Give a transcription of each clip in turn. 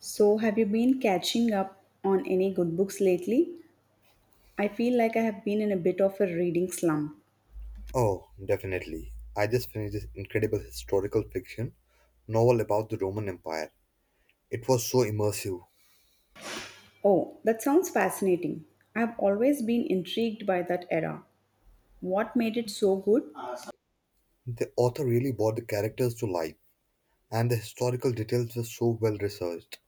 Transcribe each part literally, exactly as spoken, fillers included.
So, have you been catching up on any good books lately? I feel like I have been in a bit of a reading slump. Oh, definitely. I just finished this incredible historical fiction novel about the Roman Empire. It was so immersive. Oh, that sounds fascinating. I've always been intrigued by that era. What made it so good? The author really brought the characters to life, and the historical details were so well researched.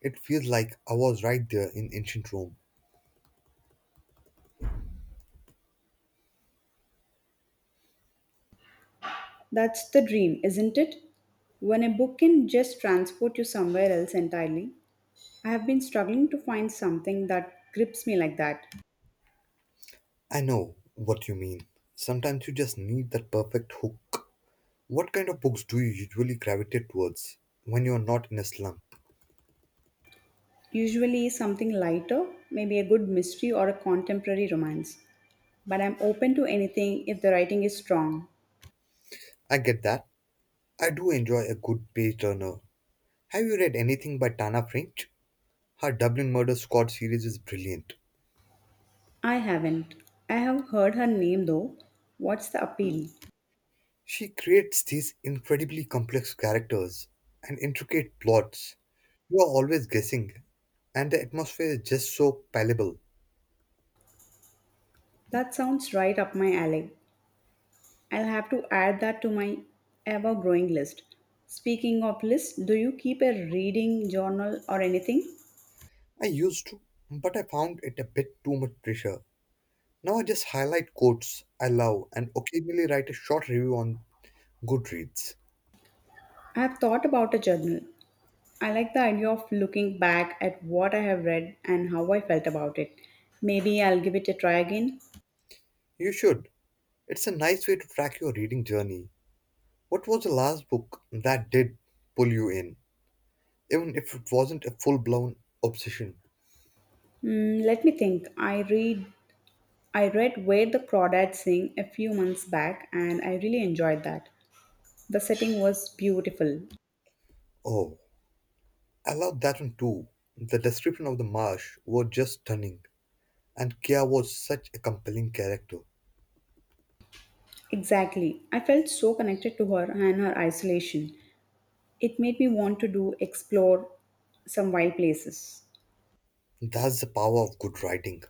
It feels like I was right there in ancient Rome. That's the dream, isn't it? When a book can just transport you somewhere else entirely. I have been struggling to find something that grips me like that. I know what you mean. Sometimes you just need that perfect hook. What kind of books do you usually gravitate towards when you are not in a slump? Usually something lighter, maybe a good mystery or a contemporary romance. But I'm open to anything if the writing is strong. I get that. I do enjoy a good page turner. Have you read anything by Tana French? Her Dublin Murder Squad series is brilliant. I haven't. I have heard her name though. What's the appeal? She creates these incredibly complex characters and intricate plots. You are always guessing, and the atmosphere is just so palpable. That sounds right up my alley. I'll have to add that to my ever growing list. Speaking of lists, do you keep a reading journal or anything? I used to, but I found it a bit too much pressure. Now I just highlight quotes I love and occasionally write a short review on Goodreads. I have thought about a journal. I like the idea of looking back at what I have read and how I felt about it. Maybe I'll give it a try again. You should. It's a nice way to track your reading journey. What was the last book that did pull you in, even if it wasn't a full blown obsession? Mm, let me think. I read I read Where the Crawdads Sing a few months back and I really enjoyed that. The setting was beautiful. Oh, I love that one too. The description of the marsh was just stunning, and Kia was such a compelling character. Exactly. I felt so connected to her and her isolation. It made me want to do explore some wild places. That's the power of good writing,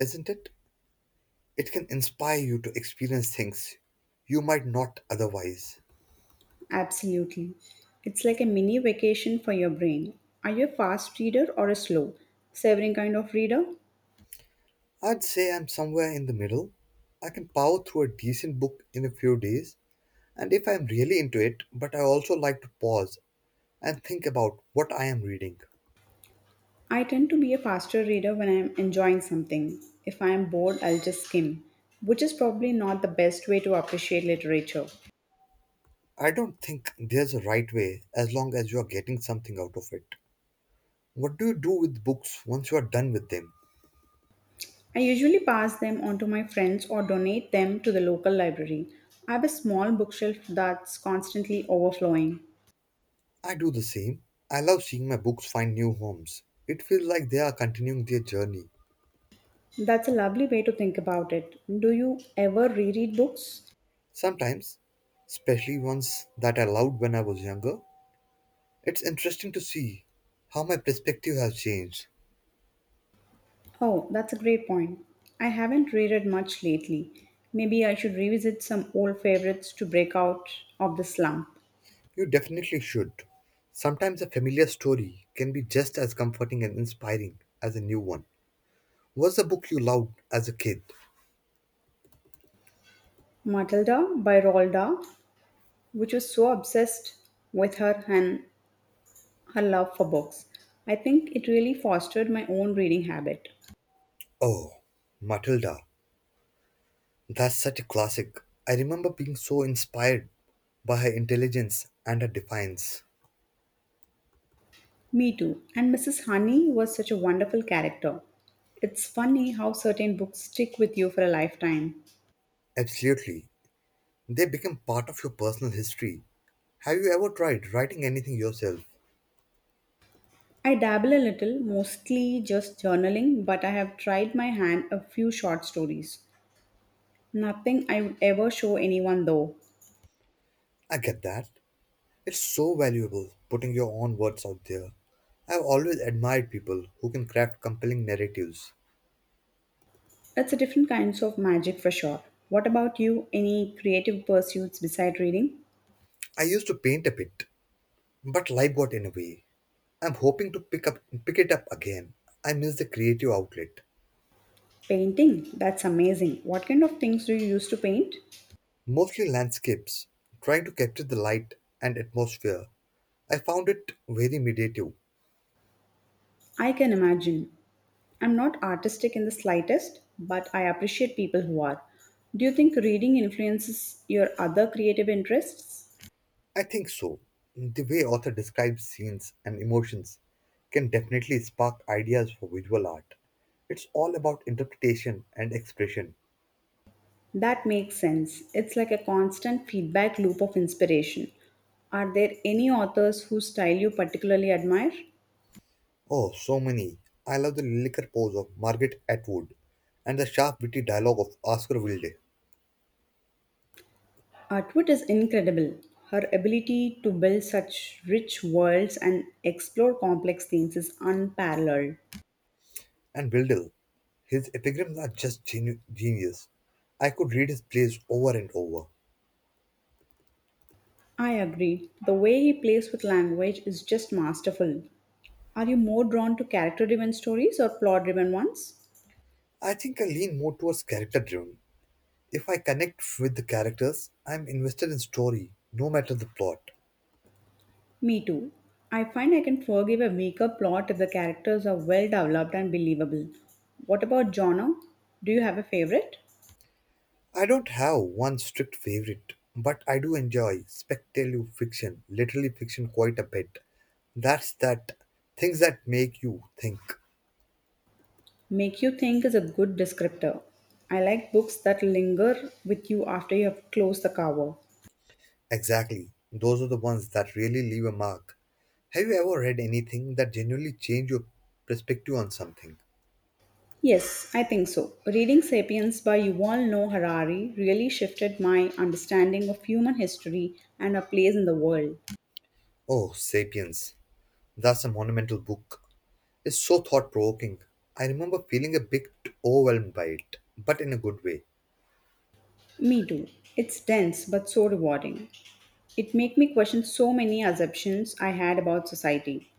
isn't it? It can inspire you to experience things you might not otherwise. Absolutely. It's like a mini vacation for your brain. Are you a fast reader or a slow, savoring kind of reader? I'd say I'm somewhere in the middle. I can power through a decent book in a few days, and if I'm really into it, but I also like to pause and think about what I am reading. I tend to be a faster reader when I'm enjoying something. If I'm bored, I'll just skim, which is probably not the best way to appreciate literature. I don't think there's a right way as long as you are getting something out of it. What do you do with books once you are done with them? I usually pass them on to my friends or donate them to the local library. I have a small bookshelf that's constantly overflowing. I do the same. I love seeing my books find new homes. It feels like they are continuing their journey. That's a lovely way to think about it. Do you ever reread books? Sometimes, especially ones that I loved when I was younger, it's interesting to see how my perspective has changed. Oh, that's a great point. I haven't reread much lately. Maybe I should revisit some old favorites to break out of the slump. You definitely should. Sometimes a familiar story can be just as comforting and inspiring as a new one. What's the book you loved as a kid? Matilda by Roald Dahl, which was so obsessed with her and her love for books. I think it really fostered my own reading habit. Oh, Matilda, that's such a classic. I remember being so inspired by her intelligence and her defiance. Me too. And missus Honey was such a wonderful character. It's funny how certain books stick with you for a lifetime. Absolutely. They become part of your personal history. Have you ever tried writing anything yourself? I dabble a little, mostly just journaling, but I have tried my hand a few short stories. Nothing I would ever show anyone though. I get that. It's so valuable putting your own words out there. I've always admired people who can craft compelling narratives. It's a different kinds of magic for sure. What about you? Any creative pursuits beside reading? I used to paint a bit, but life got in a way. I'm hoping to pick up pick it up again. I miss the creative outlet. Painting? That's amazing. What kind of things do you use to paint? Mostly landscapes, trying to capture the light and atmosphere. I found it very meditative. I can imagine. I'm not artistic in the slightest, but I appreciate people who are. Do you think reading influences your other creative interests? I think so. The way author describes scenes and emotions can definitely spark ideas for visual art. It's all about interpretation and expression. That makes sense. It's like a constant feedback loop of inspiration. Are there any authors whose style you particularly admire? Oh, so many. I love the lillicker pose of Margaret Atwood and the sharp, witty dialogue of Oscar Wilde Atwood is incredible. Her ability to build such rich worlds and explore complex themes is unparalleled. and Wilde. His epigrams are just genu- genius. I could read his plays over and over. I agree. The way he plays with language is just masterful. Are you more drawn to character driven stories or plot driven ones? I think I lean more towards character driven. If I connect with the characters, I'm invested in story, no matter the plot. Me too. I find I can forgive a weaker plot if the characters are well developed and believable. What about genre? Do you have a favorite? I don't have one strict favorite, but I do enjoy speculative fiction, literary fiction quite a bit. That's that things that make you think. Make you think is a good descriptor. I like books that linger with you after you have closed the cover. Exactly. Those are the ones that really leave a mark. Have you ever read anything that genuinely changed your perspective on something? Yes, I think so. Reading Sapiens by Yuval Noah Harari really shifted my understanding of human history and our place in the world. Oh, Sapiens. That's a monumental book. Is so thought provoking. I remember feeling a bit overwhelmed by it, but in a good way. Me too. It's dense but so rewarding. It make me question so many assumptions I had about society.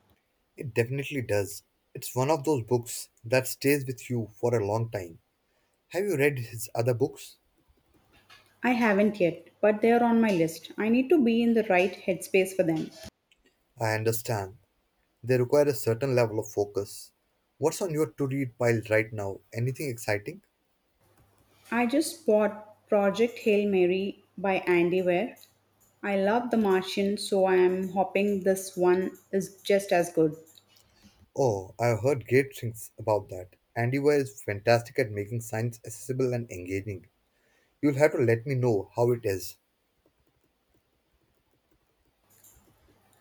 It definitely does. It's one of those books that stays with you for a long time. Have you read his other books? I haven't yet, but they are on my list. I need to be in the right headspace for them. I understand. They require a certain level of focus. What's on your to read pile right now? Anything exciting? I just bought Project Hail Mary by Andy Weir. I love The Martian, so I am hoping this one is just as good. Oh, I've heard great things about that. Andy Weir is fantastic at making science accessible and engaging. You'll have to let me know how it is.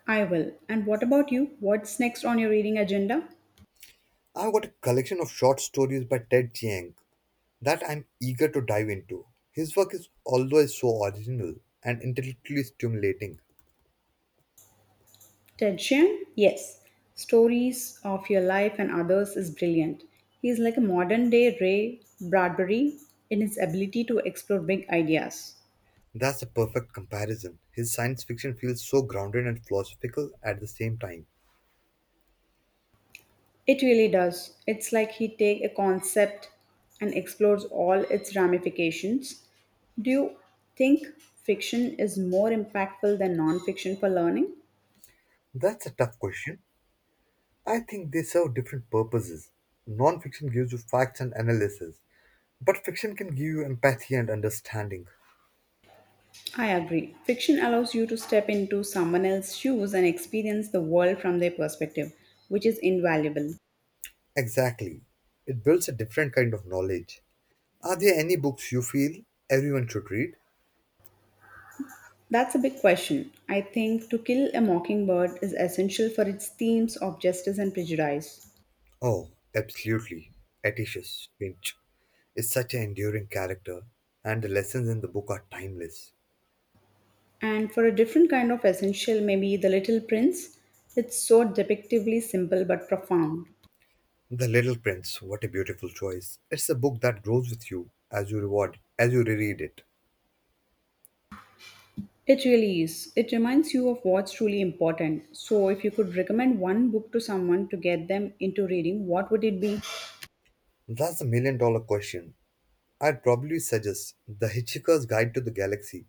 I will. And what about you? What's next on your reading agenda? I've got a collection of short stories by Ted Chiang that I'm eager to dive into. His work is always so original and intellectually stimulating. Tedjian? Yes. Stories of Your Life and Others is brilliant. He is like a modern day Ray Bradbury in his ability to explore big ideas. That's a perfect comparison. His science fiction feels so grounded and philosophical at the same time. It really does. It's like he take a concept and explores all its ramifications. Do you think fiction is more impactful than non-fiction for learning? That's a tough question. I think they serve different purposes. Non fiction gives you facts and analysis, but fiction can give you empathy and understanding. I agree. Fiction allows you to step into someone else's shoes and experience the world from their perspective, which is invaluable. Exactly. It builds a different kind of knowledge. Are there any books you feel everyone should read? That's a big question. I think To Kill a Mockingbird is essential for its themes of justice and prejudice. Oh, absolutely. Atticus Finch is such an enduring character, and the lessons in the book are timeless. And for a different kind of essential, maybe The Little Prince, it's so depictively simple but profound. The Little Prince, what a beautiful choice. It's a book that grows with you as you reward, as you reread it. It really is. It reminds you of what's truly important. So, if you could recommend one book to someone to get them into reading, what would it be? That's a million dollar question. I'd probably suggest The Hitchhiker's Guide to the Galaxy.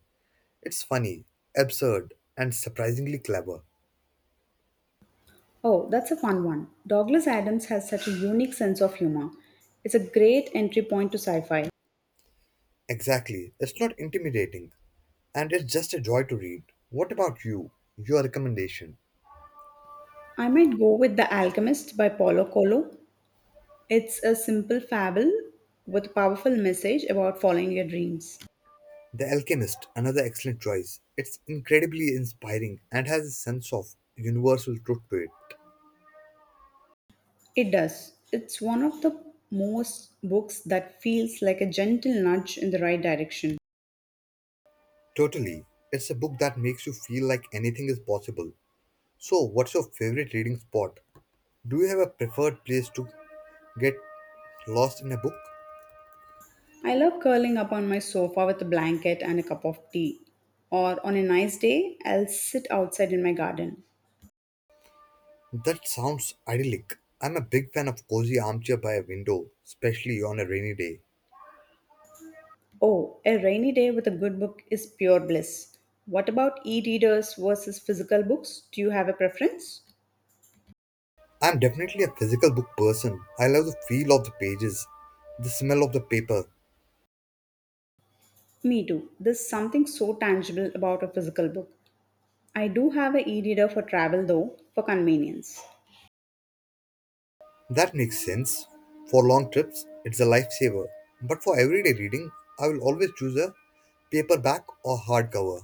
It's funny, absurd, and surprisingly clever. Oh, that's a fun one. Douglas Adams has such a unique sense of humor. It's a great entry point to sci fi. Exactly, it's not intimidating, and it's just a joy to read. What about you? Your recommendation? I might go with The Alchemist by Paulo Coelho. It's a simple fable with a powerful message about following your dreams. The Alchemist, another excellent choice. It's incredibly inspiring and has a sense of universal truth to it. It does. It's one of the most books that feels like a gentle nudge in the right direction. Totally. It's a book that makes you feel like anything is possible. So, what's your favorite reading spot? Do you have a preferred place to get lost in a book? I love curling up on my sofa with a blanket and a cup of tea. Or on a nice day, I'll sit outside in my garden. That sounds idyllic. I'm a big fan of cozy armchair by a window, especially on a rainy day. Oh, a rainy day with a good book is pure bliss. What about e readers versus physical books? Do you have a preference? I'm definitely a physical book person. I love the feel of the pages, the smell of the paper. Me too. There's something so tangible about a physical book. I do have a e-reader for travel though, for convenience. That makes sense. For long trips, it's a lifesaver. But for everyday reading, I will always choose a paperback or hardcover.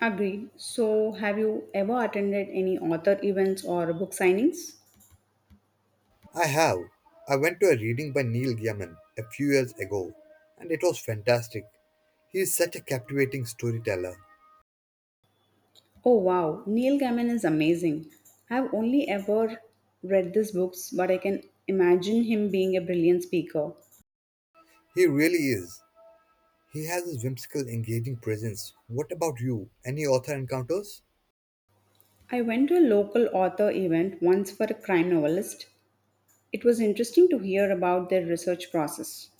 Agreed. So, have you ever attended any author events or book signings? I have. I went to a reading by Neil Gaiman a few years ago, and it was fantastic. He is such a captivating storyteller. Oh wow, Neil Gaiman is amazing. I've only ever read his books, but I can imagine him being a brilliant speaker. He really is. He has this whimsical, engaging presence. What about you? Any author encounters? I went to a local author event once for a crime novelist. It was interesting to hear about their research process.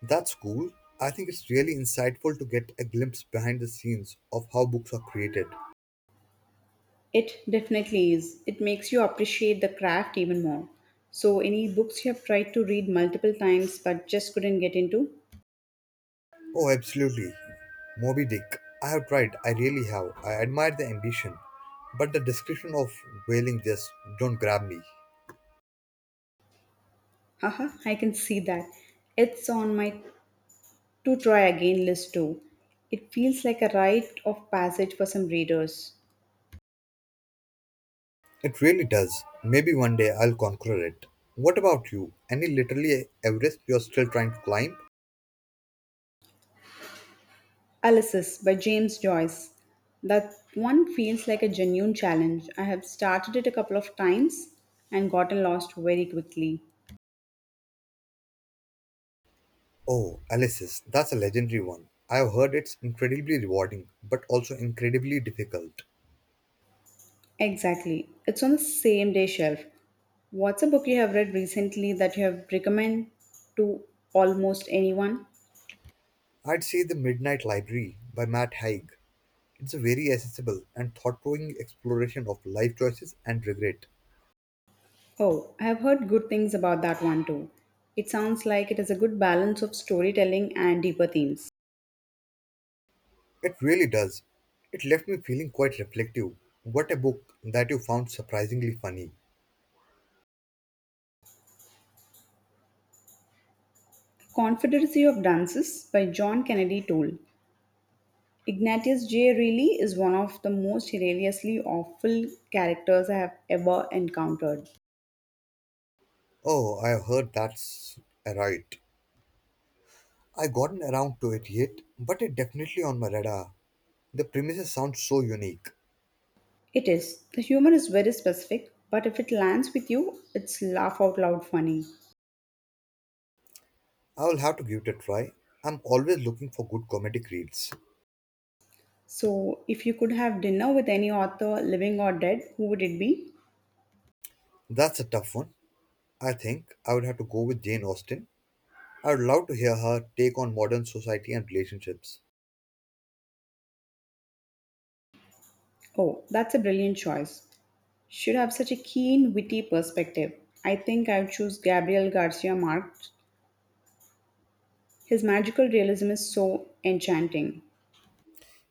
That's cool. I think it's really insightful to get a glimpse behind the scenes of how books are created. It definitely is. It makes you appreciate the craft even more. So, any books you have tried to read multiple times but just couldn't get into? Oh, absolutely. Moby Dick. I have tried, I really have. I admire the ambition, but the description of whaling just don't grab me. Haha, I can see that. It's on my to try again list too. It feels like a rite of passage for some readers. It really does. Maybe one day I'll conquer it. What about you? Any literally Everest you're still trying to climb? Alice's by James Joyce. That one feels like a genuine challenge. I have started it a couple of times and gotten lost very quickly. Oh, Alice's. That's a legendary one. I've heard it's incredibly rewarding, but also incredibly difficult. Exactly. It's on the same day shelf. What's a book you have read recently that you have recommend to almost anyone? I'd say The Midnight Library by Matt Haig. It's a very accessible and thought-provoking exploration of life choices and regret. Oh, I have heard good things about that one too. It sounds like it has a good balance of storytelling and deeper themes. It really does. It left me feeling quite reflective. What a book that you found surprisingly funny. Confederacy of Dances by John Kennedy Toole. Ignatius J. Reilly is one of the most hilariously awful characters I have ever encountered. Oh, I have heard that's right. I have gotten around to it yet, but it definitely on my radar. The premises sound so unique. It is. The humor is very specific, but if it lands with you, it's laugh out loud funny. I will have to give it a try. I'm always looking for good comedic reads. So, if you could have dinner with any author, living or dead, who would it be? That's a tough one. I think I would have to go with Jane Austen. I would love to hear her take on modern society and relationships. Oh, that's a brilliant choice. Should have such a keen, witty perspective. I think I would choose Gabriel Garcia Marquez. His magical realism is so enchanting.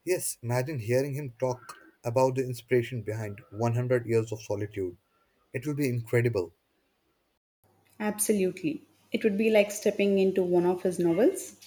Yes, imagine hearing him talk about the inspiration behind one hundred Years of Solitude. It will be incredible. Absolutely. It would be like stepping into one of his novels.